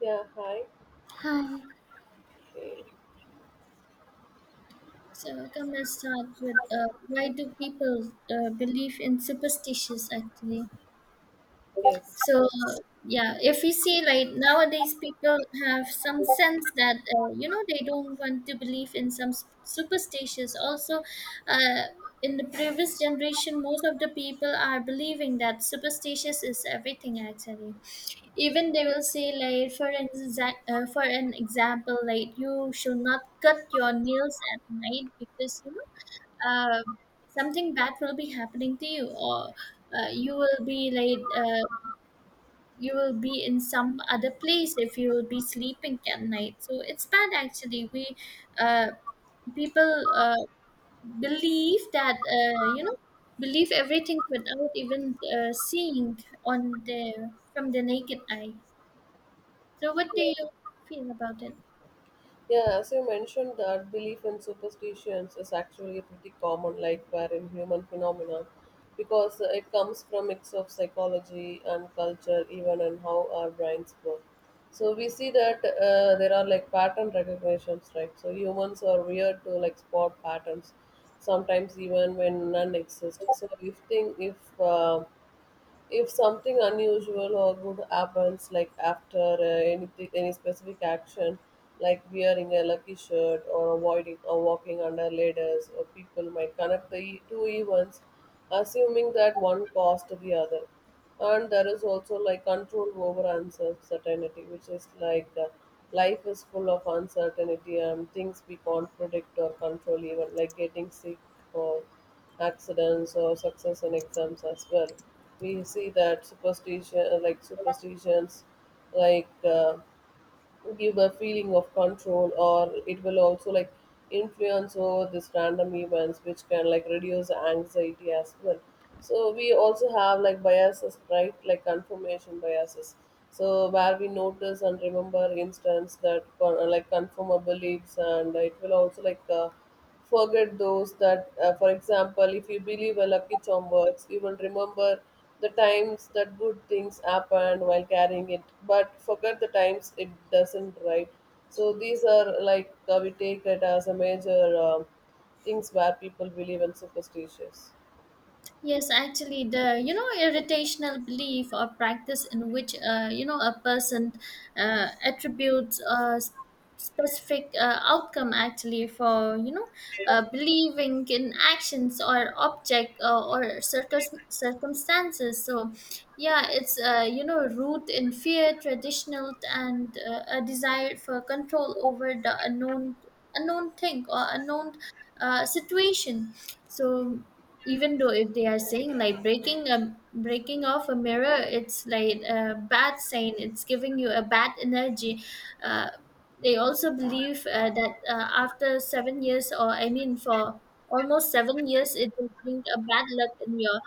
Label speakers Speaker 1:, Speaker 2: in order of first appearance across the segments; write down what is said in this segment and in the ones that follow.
Speaker 1: Yeah, hi.
Speaker 2: Hi.
Speaker 1: Okay.
Speaker 2: So Come, let's start with why do people believe in superstitions actually?
Speaker 1: Yes.
Speaker 2: So yeah, if we see like nowadays people have some sense that they don't want to believe in some superstitions. Also, uh, in the previous generation, most of the people are believing that superstitious is everything actually. Even they will say like for an for an example like you should not cut your nails at night because uh, something bad will be happening to you, or you will be like you will be in some other place if you will be sleeping at night, so it's bad actually. We uh, People believe that believe everything without even seeing on the from the naked eye. So what do
Speaker 1: Yeah.
Speaker 2: you feel about it?
Speaker 1: Yeah, as you mentioned, that belief in superstitions is actually a pretty common, like, wherein human phenomenon because it comes from mix of psychology and culture even and how our brains work. So we see that there are like pattern recognitions, right? So humans are weird to like spot patterns sometimes even when none exist. So if thing if something unusual or good happens, like after anything, any specific action, like wearing a lucky shirt or avoiding or walking under ladders, or people might connect two events, assuming that one caused the other. And there is also like control over uncertainty, which is like life is full of uncertainty and things we can't predict or control, even like getting sick or accidents or success in exams as well. We see that superstitions, like give a feeling of control or it will also like influence over this random events which can like reduce anxiety as well. So we also have like biases, right? Like confirmation biases, so where we notice and remember instance that confirm our beliefs, and it will also like forget those that, for example, if you believe a lucky charm works, you will remember the times that good things happened while carrying it, but forget the times it doesn't, right? So these are like, we take it as a major, um, things where people believe in superstitions.
Speaker 2: Yes, actually, the you know irritational belief or practice in which a person attributes a specific outcome actually for you know believing in actions or object or circumstances. So, yeah, it's root in fear, traditional, and a desire for control over the unknown thing or unknown situation. So even though if they are saying like breaking off a mirror, it's like a bad sign, it's giving you a bad energy. uh, they also believe that after 7 years, or I mean for almost 7 years, it will bring a bad luck in your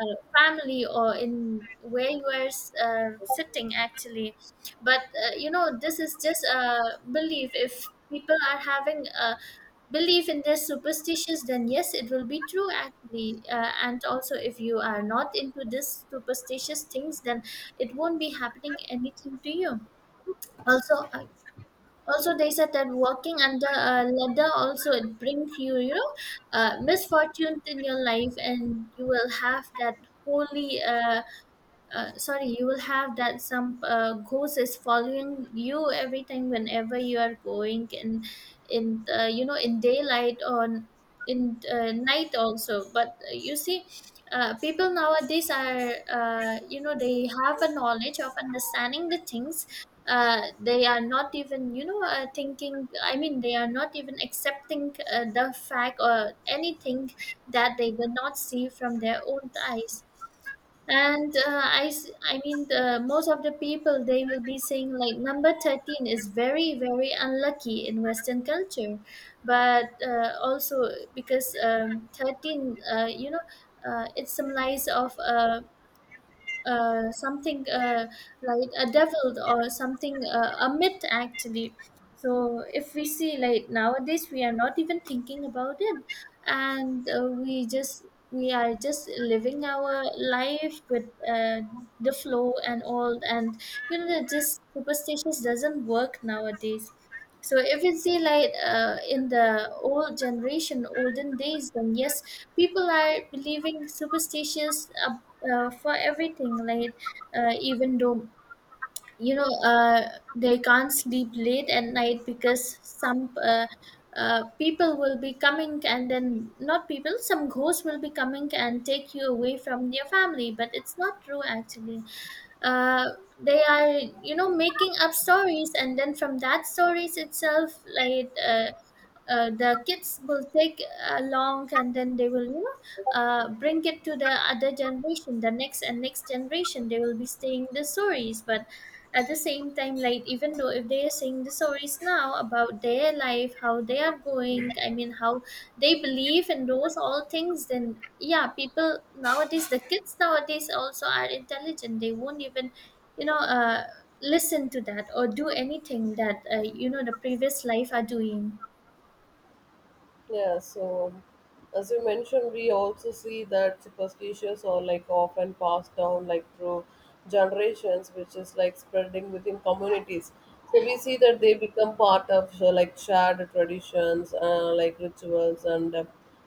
Speaker 2: family or in where you are uh, sitting actually. But this is just a belief. If people are having a believe in their superstitions, then yes, it will be true actually. And also if you are not into this superstitious things, then it won't be happening anything to you. Also, also they said that walking under a ladder also, it brings you you know misfortune in your life, and you will have that holy sorry, you will have that some ghost is following you every time whenever you are going in you know in daylight or in night also. But you see, people nowadays are they have a knowledge of understanding the things. They are not even thinking. I mean, they are not even accepting the fact or anything that they will not see from their own eyes. And I mean most of the people, they will be saying like number 13 is very very unlucky in western culture. But also because 13, it symbolizes of something, like a devil or something, a myth actually. So if we see like nowadays, we are not even thinking about it. And we just, we are just living our life with the flow and all. And you know that just superstitions doesn't work nowadays. So if you see like in the old generation, olden days, then yes, people are believing superstitions for everything. Like even though you know uh, they can't sleep late at night because some people will be coming, and then not people, some ghosts will be coming and take you away from your family. But it's not true actually. uh, they are you know making up stories, and then from that stories itself, like uh, the kids will take along, and then they will bring it to the other generation. The next generation, they will be staying the stories. But at the same time, like even though if they are saying the stories now about their life, how they are going, I mean how they believe in those all things, then yeah, people nowadays, the kids nowadays also are intelligent. They won't even you know uh, listen to that or do anything that the previous life are doing.
Speaker 1: Yeah, so as you mentioned, we also see that superstitions are like often passed down like through generations, which is like spreading within communities. So we see that they become part of, so, like shared traditions, like rituals, and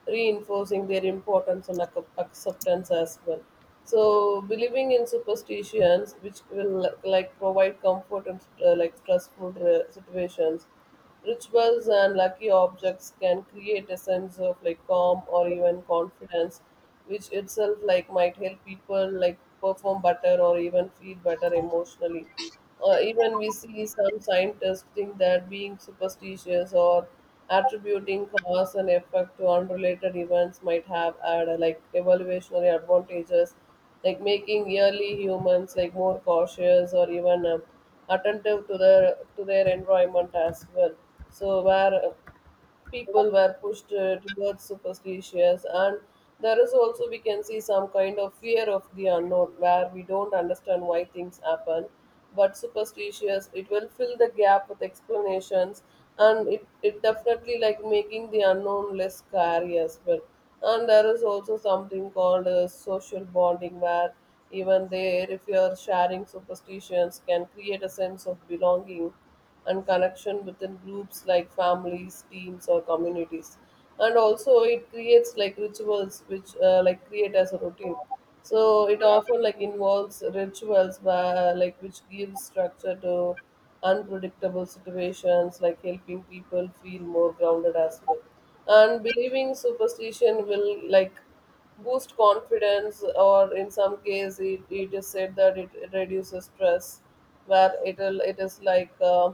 Speaker 1: reinforcing their importance and acceptance as well. So believing in superstitions, which will like provide comfort and, like stressful, situations. Rituals and lucky objects can create a sense of like calm or even confidence, which itself like might help people like perform better or even feel better emotionally. Even we see some scientists think that being superstitious or attributing cause and effect to unrelated events might have had, like evaluationary advantages, like making yearly humans like more cautious or even, attentive to their environment as well. So where people were pushed, towards superstitions, and there is also we can see some kind of fear of the unknown where we don't understand why things happen, but superstitious it will fill the gap with explanations, and it definitely like making the unknown less scary as well. And there is also something called, social bonding where even there if you are sharing superstitions can create a sense of belonging and connection within groups like families, teams, or communities. And also, it creates like rituals which, like create as a routine. So it often like involves rituals where like which gives structure to unpredictable situations, like helping people feel more grounded as well. And believing superstition will like boost confidence, or in some case it is said that it reduces stress where it is like,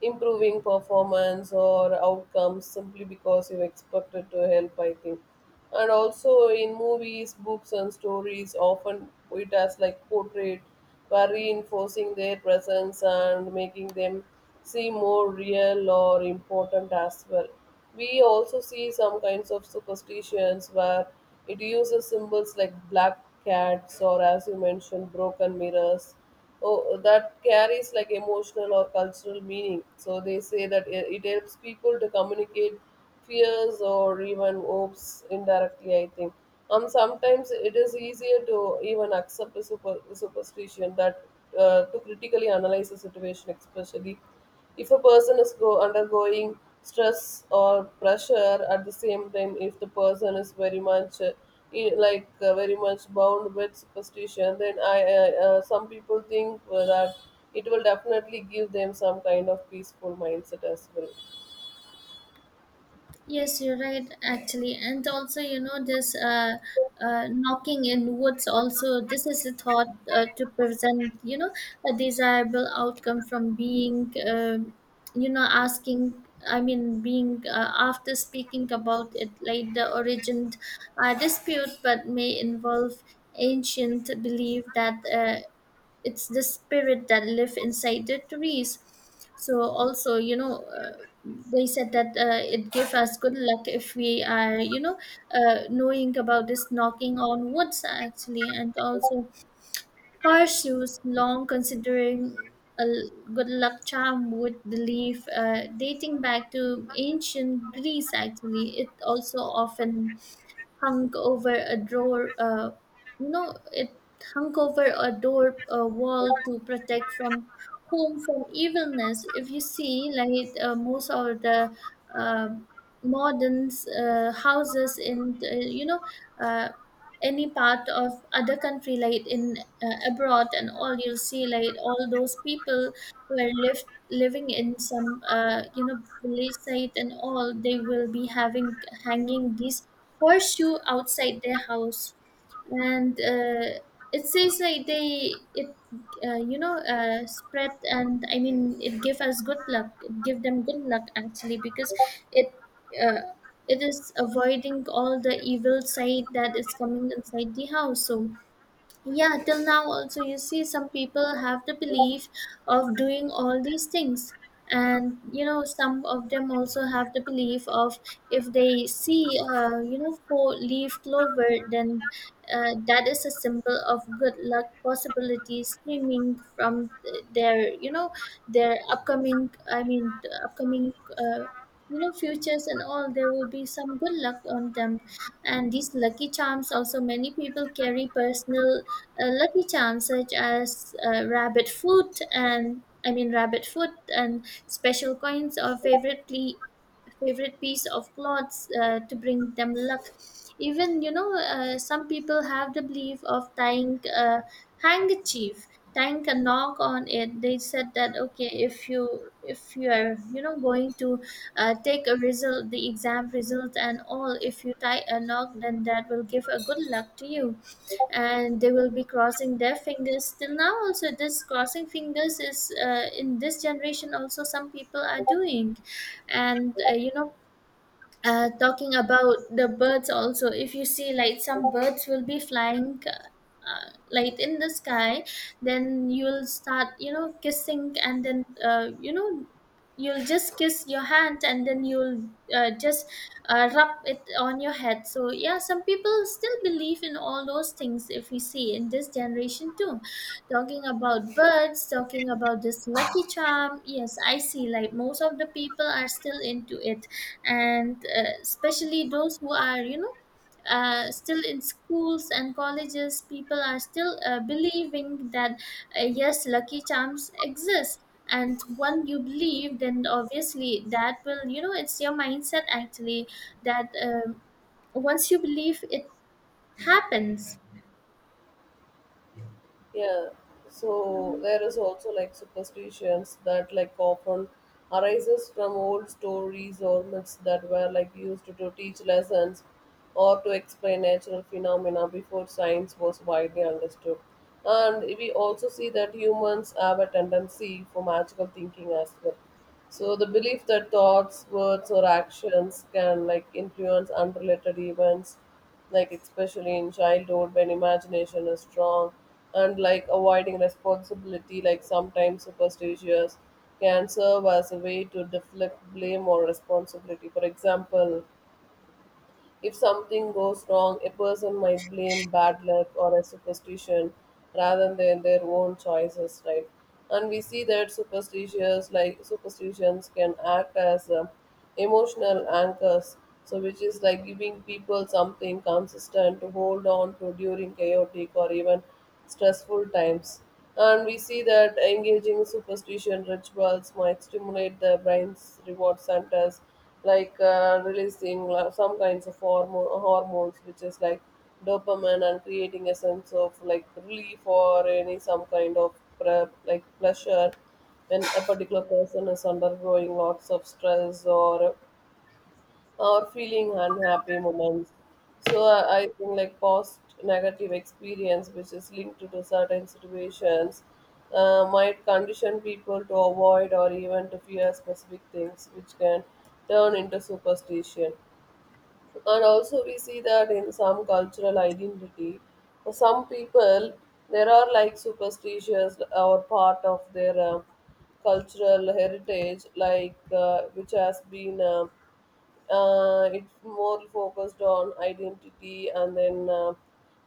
Speaker 1: improving performance or outcomes simply because you expected to help, I think. And also in movies, books and stories, often it has like portrayed by reinforcing their presence and making them seem more real or important as well. We also see some kinds of superstitions where it uses symbols like black cats or, as you mentioned, broken mirrors. Oh, that carries like emotional or cultural meaning. So they say that it helps people to communicate fears or even hopes indirectly, I think. Sometimes it is easier to even accept a superstition that, to critically analyze a situation, especially if a person is undergoing stress or pressure. At the same time, if the person is very much, in, like, very much bound with superstition, then I some people think, that it will definitely give them some kind of peaceful mindset as well.
Speaker 2: Yes, you're right, actually. And also, you know, this knocking in woods also, this is a thought to present, you know, a desirable outcome from being, you know, asking, I mean being after speaking about it, like the origin dispute, but may involve ancient belief that it's the spirit that live inside the trees. So also they said that it gave us good luck if we are knowing about this knocking on woods actually. And also horseshoes, long considering a good luck charm would believe, dating back to ancient Greece actually, it also often hung over a door. No, it hung over a door, a wall, to protect from home from evilness. If you see, like most of the um modern houses in Uh, any part of other country like in abroad and all, you'll see like all those people who are living in some village site and all, they will be having hanging these horseshoe outside their house. And it says like they it spread, and I mean it give us good luck, it give them good luck actually, because it uh, it is avoiding all the evil side that is coming inside the house. So yeah, till now also you see some people have the belief of doing all these things. And you know, some of them also have the belief of if they see, four leaf clover, then that is a symbol of good luck possibilities streaming from their, you know, their upcoming, I mean the upcoming, futures and all. There will be some good luck on them. And these lucky charms, also many people carry personal a lucky charms, such as rabbit foot and I mean rabbit foot and special coins or favorite piece of clothes to bring them luck. Even you know, some people have the belief of tying a handkerchief, tying a knock on it. They said that okay, if you are you know going to the exam result and all, if you tie a knock, then that will give a good luck to you. And they will be crossing their fingers. Till now also, this crossing fingers is in this generation also, some people are doing. And talking about the birds also, if you see like some birds will be flying like in the sky, then you'll start you know kissing, and then you'll just kiss your hand, and then you'll just rub it on your head. So yeah, some people still believe in all those things, if we see in this generation too. Talking about birds, talking about this lucky charm, yes, I see like most of the people are still into it. And especially those who are still in schools and colleges, people are still believing that yes, lucky charms exist. And when you believe, then obviously that will you know, it's your mindset actually, that once you believe, it happens.
Speaker 1: Yeah, so there is also like superstitions that like often arises from old stories or myths that were like used to teach lessons or to explain natural phenomena before science was widely understood. And we also see that humans have a tendency for magical thinking as well. So the belief that thoughts, words, or actions can like influence unrelated events, like especially in childhood when imagination is strong, and like avoiding responsibility, like sometimes superstitious can serve as a way to deflect blame or responsibility. For example, if something goes wrong, a person might blame bad luck or a superstition rather than their own choices, right? And we see that superstitious like superstitions can act as, emotional anchors, so which is like giving people something consistent to hold on to during chaotic or even stressful times. And we see that engaging superstition rituals might stimulate the brain's reward centers, like, releasing some kinds of hormones, which is like dopamine, and creating a sense of like relief or any some kind of like pleasure when a particular person is undergoing lots of stress or feeling unhappy moments. So I think like past negative experience, which is linked to the certain situations, might condition people to avoid or even to fear specific things, which can turn into superstition. And also we see that in some cultural identity, for some people there are like superstitions or part of their, cultural heritage, like, which has been. It's more focused on identity, and then,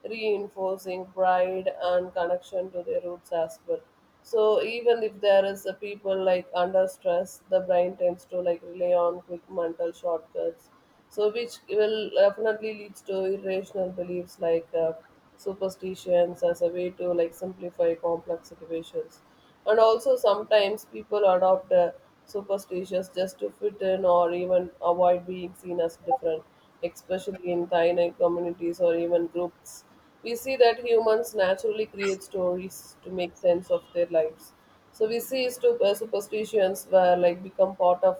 Speaker 1: reinforcing pride and connection to their roots as well. So even if there is a people like under stress, the brain tends to like rely on quick mental shortcuts, so which will definitely leads to irrational beliefs like, superstitions as a way to like simplify complex situations. And also, sometimes people adopt, superstitions just to fit in or even avoid being seen as different, especially in tiny communities or even groups. We see that humans naturally create stories to make sense of their lives. So we see superstitions where like become part of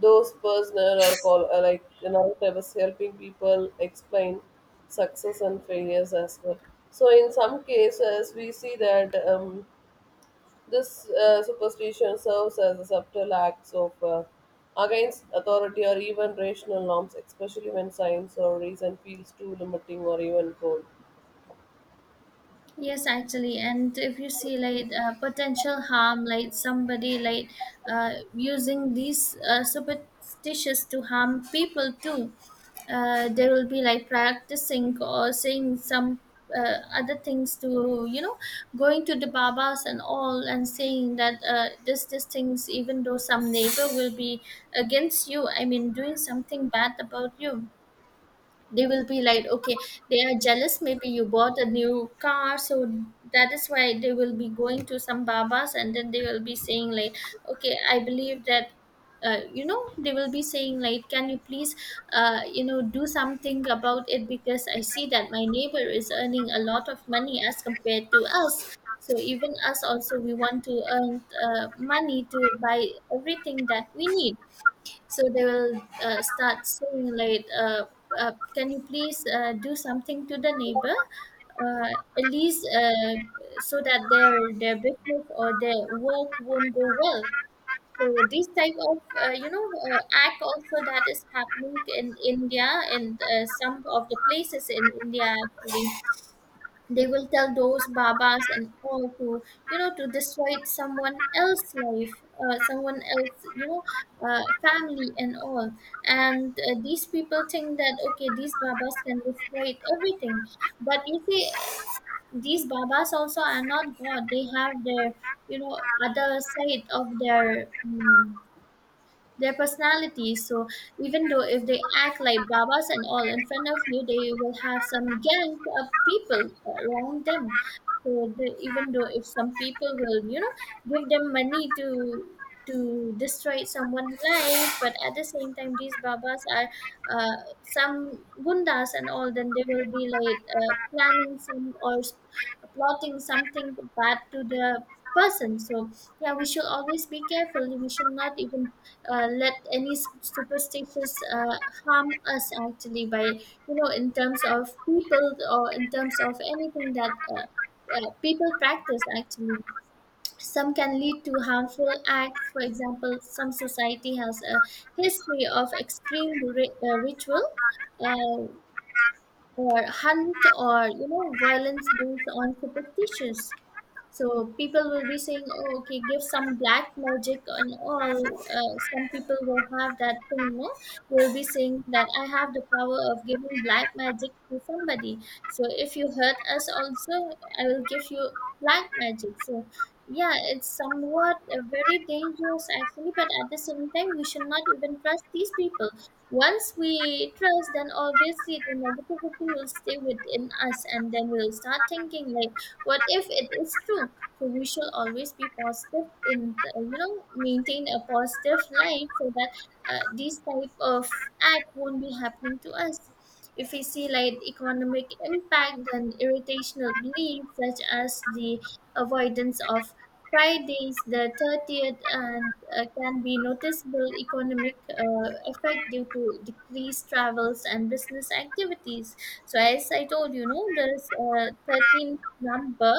Speaker 1: those personal or call like narratives helping people explain success and failures as well. So in some cases we see that, this, superstition serves as a subtle act of, against authority or even rational norms, especially when science or reason feels too limiting or even cold.
Speaker 2: Yes, actually, and if you see like potential harm, like somebody like using these superstitions to harm people too, they will be like practicing or saying some other things to you know, going to the babas and all, and saying that this these things, even though some neighbor will be against you, I mean doing something bad about you, they will be like okay, they are jealous, maybe you bought a new car, so that is why they will be going to some babas. And then they will be saying like, okay, I believe that they will be saying like, can you please do something about it, because I see that my neighbor is earning a lot of money as compared to us, so even us also we want to earn money to buy everything that we need. So they will start saying like, "Can you please do something to the neighbor, uh, at least so that their business or their work won't go well." So this type of act also, that is happening in India, in some of the places in India actually. They will tell those babas and all to, you know, to destroy someone else's life, someone else, you know, family and all. And these people think that okay, these babas can destroy everything. But you see, these babas also are not God. They have their, you know, other side of their, their personalities. So even though if they act like babas and all in front of you, they will have some gangs of people around them. So even though if some people will, give them money to destroy someone's life, but at the same time, these babas are uh, some gundas and all. Then they will be like planning some plotting something bad to the person. So yeah, we should always be careful. We should not even let any superstitious harm us actually by you know in terms of people or in terms of anything that people practice actually some can lead to harmful acts. For example, some society has a history of extreme ritual uh, or hunt or you know violence based on superstitions. So people will be saying, "Oh, okay, give some black magic and all." Some people will have that thing, no? They'll be saying that I have the power of giving black magic to somebody. So if you hurt us, also I will give you black magic. So yeah, it's somewhat very dangerous actually, but at the same time, we should not even trust these people. Once we trust, then obviously the negativity will stay within us, and then we'll start thinking like what if it is true? So we shall always be positive in the, you know, maintain a positive life so that these type of act won't be happening to us. If we see like economic impact and irritational beliefs such as the avoidance of Fridays, the 30th, and can be noticeable economic effect due to decreased travels and business activities. So, as I told you, know there's a 13th number.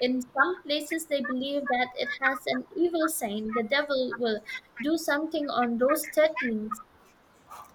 Speaker 2: In some places, they believe that it has an evil sign. The devil will do something on those 13th.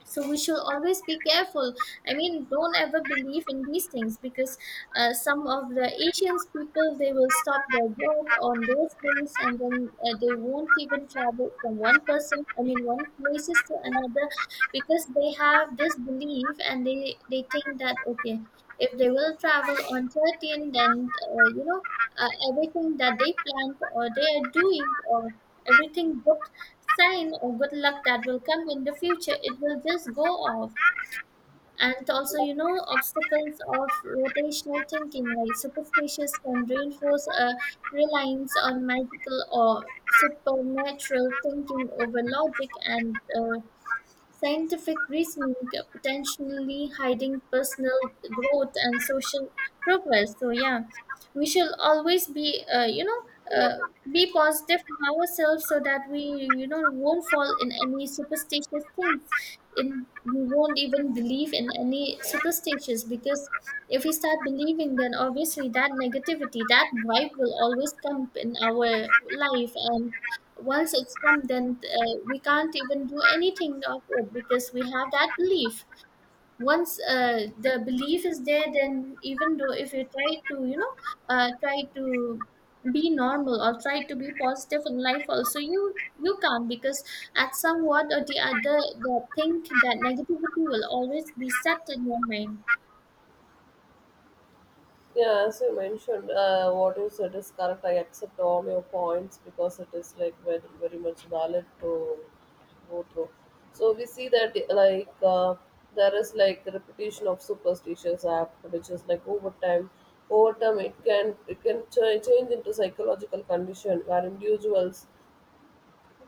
Speaker 2: So we should always be careful. I mean, don't ever believe in these things because some of the asians people they will stop their work on those days, and then they won't even travel from one person I mean one places to another because they have this belief, and they think that okay, if they will travel on 13 then you know everything that they planned or they are doing or everything good, sign of good luck that will come in the future, it will just go off. And also you know obstacles of rotational thinking like superstitious can reinforce a reliance on magical or supernatural thinking over logic and scientific reasoning, potentially hiding personal growth and social progress. So yeah, we shall always be, you know,
Speaker 1: Yeah.
Speaker 2: uh, be positive in ourselves so that we, you know, won't fall in any superstitious things. In we won't even believe in any superstitious because if we start believing, then obviously that negativity, that vibe will always come in our life. And once it's come, then we can't even do anything of it because we have that belief. Once the belief is there, then even though if you try to you know try to be normal or try to be positive in life also, you can't because at somewhat or the other the think that negativity will always be set in your mind.
Speaker 1: Yeah, as you mentioned, what you said is correct. I accept all your points because it is like very, very much valid to go through. So we see that like, there is like the repetition of superstitious act, which is like over time. Over time, it can change into psychological condition where individuals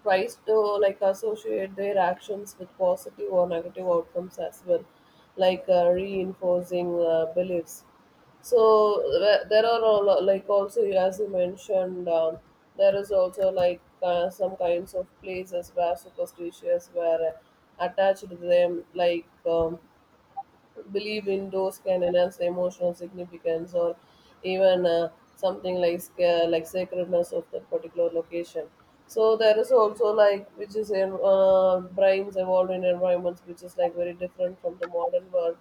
Speaker 1: tries to like associate their actions with positive or negative outcomes as well, like, reinforcing, beliefs. So there are a like also as you mentioned, there is also like, some kinds of places where superstitious were, attached to them, like, believe indoors can enhance the emotional significance or even, something like like sacredness of that particular location. So there is also like which is in, brains evolved in environments which is like very different from the modern world.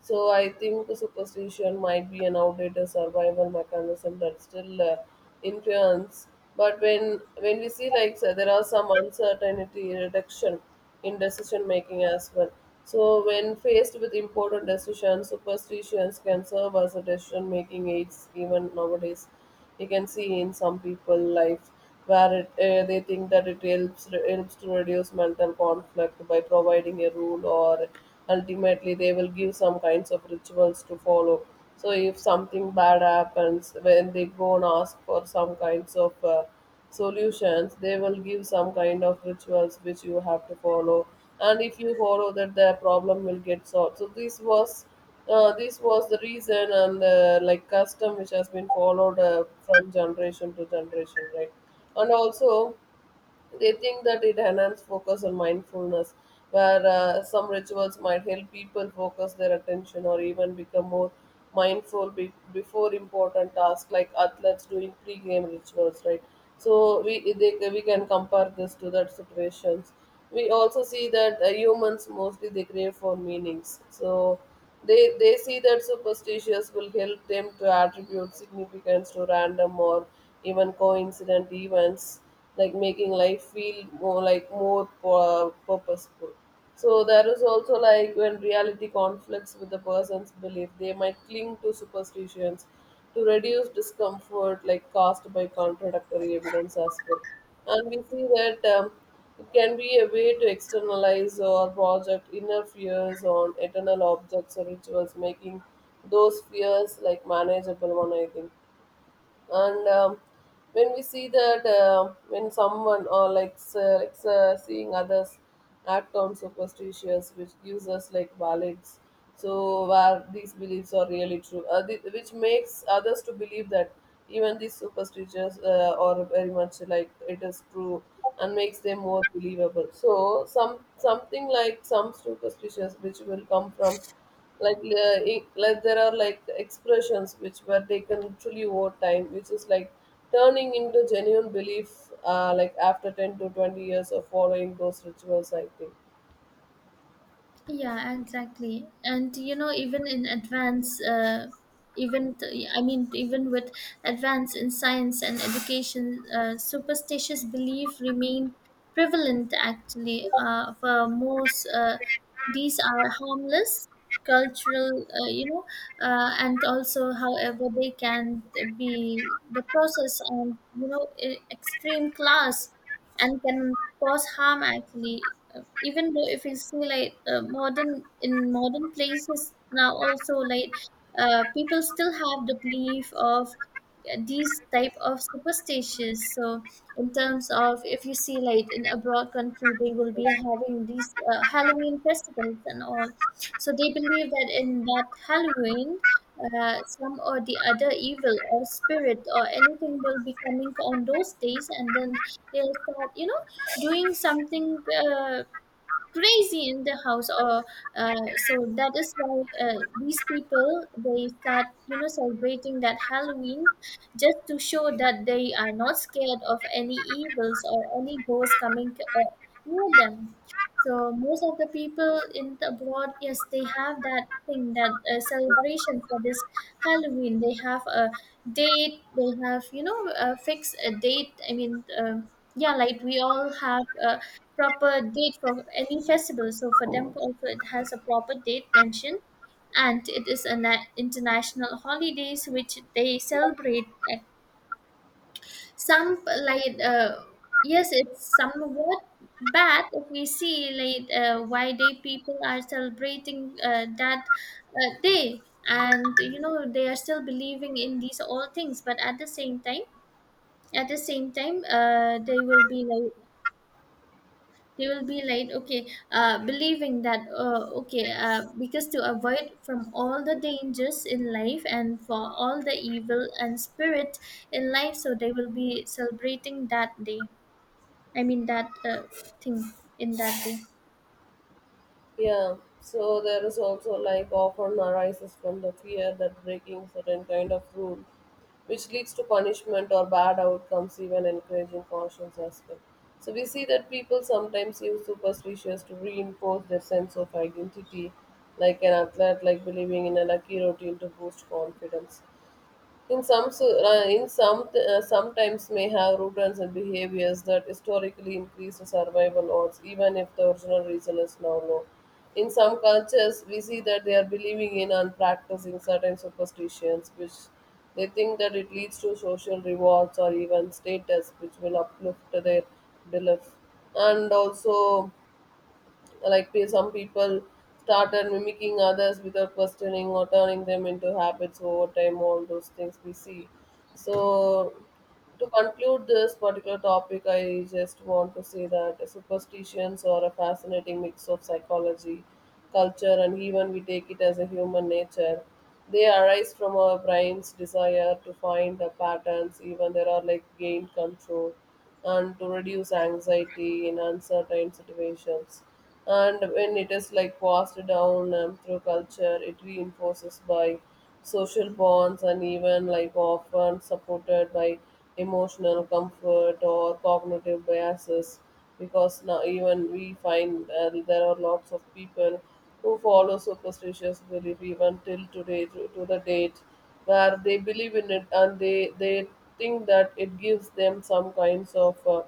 Speaker 1: So I think superstition might be an outdated survival mechanism that still, influence. But when we see like, so there are some uncertainty reduction in decision making as well. So when faced with important decisions, superstitions can serve as a decision making aids. Even nowadays you can see in some people life where it, they think that it helps to reduce mental conflict by providing a rule or ultimately they will give some kinds of rituals to follow. So if something bad happens, when they go and ask for some kinds of, solutions, they will give some kind of rituals which you have to follow, and if you follow that, the problem will get solved. So this was the reason, and, like custom which has been followed, from generation to generation, right? And also. They think that it enhances focus on mindfulness, where, some rituals might help people focus their attention or even become more mindful before important tasks, like athletes doing pre-game rituals, right? So we can compare this to that situations. We also see that, humans mostly they crave for meanings. So they see that superstitions will help them to attribute significance to random or even coincident events, like making life feel more like more purposeful. So there is also like when reality conflicts with the person's belief, they might cling to superstitions to reduce discomfort like caused by contradictory evidence as well. And we see that, it can be a way to externalize or project inner fears on eternal objects or rituals, making those fears like manageable one, I think. And, when we see that, when someone or like, like, seeing others act on superstitions which gives us like balance. So where these beliefs are really true, which makes others to believe that even these superstitions, are very much like it is true and makes them more believable. So some something like some superstitions which will come from like, like there are like expressions which were taken literally over time, which is like turning into genuine belief, like after 10 to 20 years of following those rituals, I think.
Speaker 2: Yeah, exactly. And you know, even in advance, I mean, even with advance in science and education, superstitious belief remain prevalent. Actually, for most, these are harmless cultural, you know, and also, however, they can be the process and you know, extreme class and can cause harm actually. Uh, even though if you see like modern in modern places now also like people still have the belief of these type of superstitions. So in terms of if you see like in abroad country, they will be having these halloween festivals and all. So they believe that in that halloween, some or the other evil or spirit or anything will be coming on those days, and then they'll start you know doing something crazy in the house or so that is why these people they start you know celebrating that halloween just to show that they are not scared of any evils or any ghosts coming near them. So most of the people in the abroad, yes, they have that thing that celebration for this halloween. They have a date, they have you know a fixed a date, I mean um, yeah, like we all have uh, proper date for any festival. So for them also, it has a proper date mentioned, and it is an international holidays which they celebrate. And some like yes, it's somewhat bad if we see like why they people are celebrating that day, and you know they are still believing in these all things. But at the same time, they will be like they will be like, okay, believing that, okay, because to avoid from all the dangers in life and for all the evil and spirit in life, so they will be celebrating that day. I mean, that thing in that day.
Speaker 1: Yeah, so there is also like often arises from the fear that breaking certain kind of rule, which leads to punishment or bad outcomes, even encouraging cautions as well. So we see that people sometimes use superstitions to reinforce their sense of identity, like an athlete like believing in a lucky routine to boost confidence. In some, in some, sometimes may have routines and behaviors that historically increase the survival odds, even if the original reason is now low. In some cultures, we see that they are believing in and practicing certain superstitions, which they think that it leads to social rewards or even status, which will uplift their belief. And also, like some people started mimicking others without questioning or turning them into habits over time, all those things we see. So, to conclude this particular topic, I just want to say that superstitions are a fascinating mix of psychology, culture, and even we take it as a human nature. They arise from our brain's desire to find the patterns, even there are like gain control and to reduce anxiety in uncertain situations. And when it is like passed down, through culture, it reinforces by social bonds and even like often supported by emotional comfort or cognitive biases, because now even we find, there are lots of people who follow superstitious belief even till today, to the date, where they believe in it, and they think that it gives them some kinds of,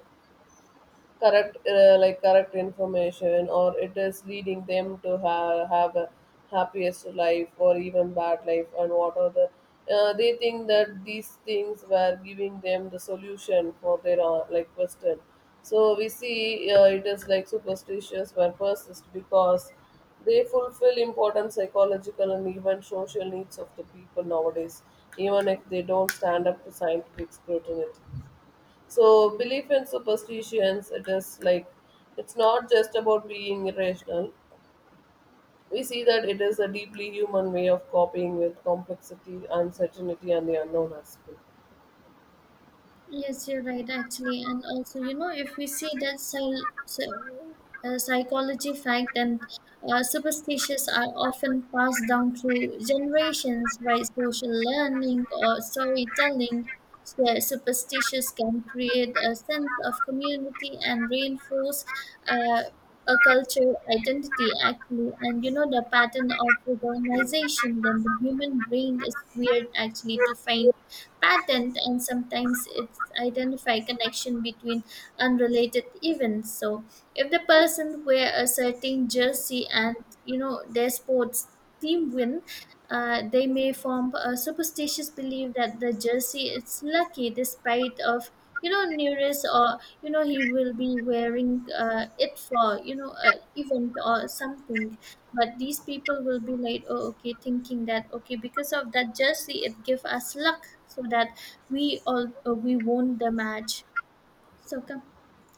Speaker 1: correct, like correct information, or it is leading them to have a happiest life or even bad life. And what are the, they think that these things were giving them the solution for their, like question. So we see, it is like superstitious were persist because they fulfill important psychological and even social needs of the people nowadays, even if they don't stand up to scientific scrutiny. So belief and superstitions, it is like it's not just about being irrational. We see that it is a deeply human way of coping with complexity, uncertainty, and the unknown as well.
Speaker 2: Yes, you're right, actually. And also, you know, if we see that psychology fact and superstitions are often passed down through generations by social learning or storytelling, so superstitions can create a sense of community and reinforce uh, a cultural identity, actually. And you know, the pattern of recognition, then the human brain is weird, actually, to find patterns, and sometimes it's identify connection between unrelated events. So if the person wear a certain jersey and you know their sports team win, they may form a superstitious belief that the jersey is lucky despite of you know nearest or you know he will be wearing it for you know a event or something. But these people will be like oh okay thinking that okay, because of that jersey it give us luck so that we all we won the match. So come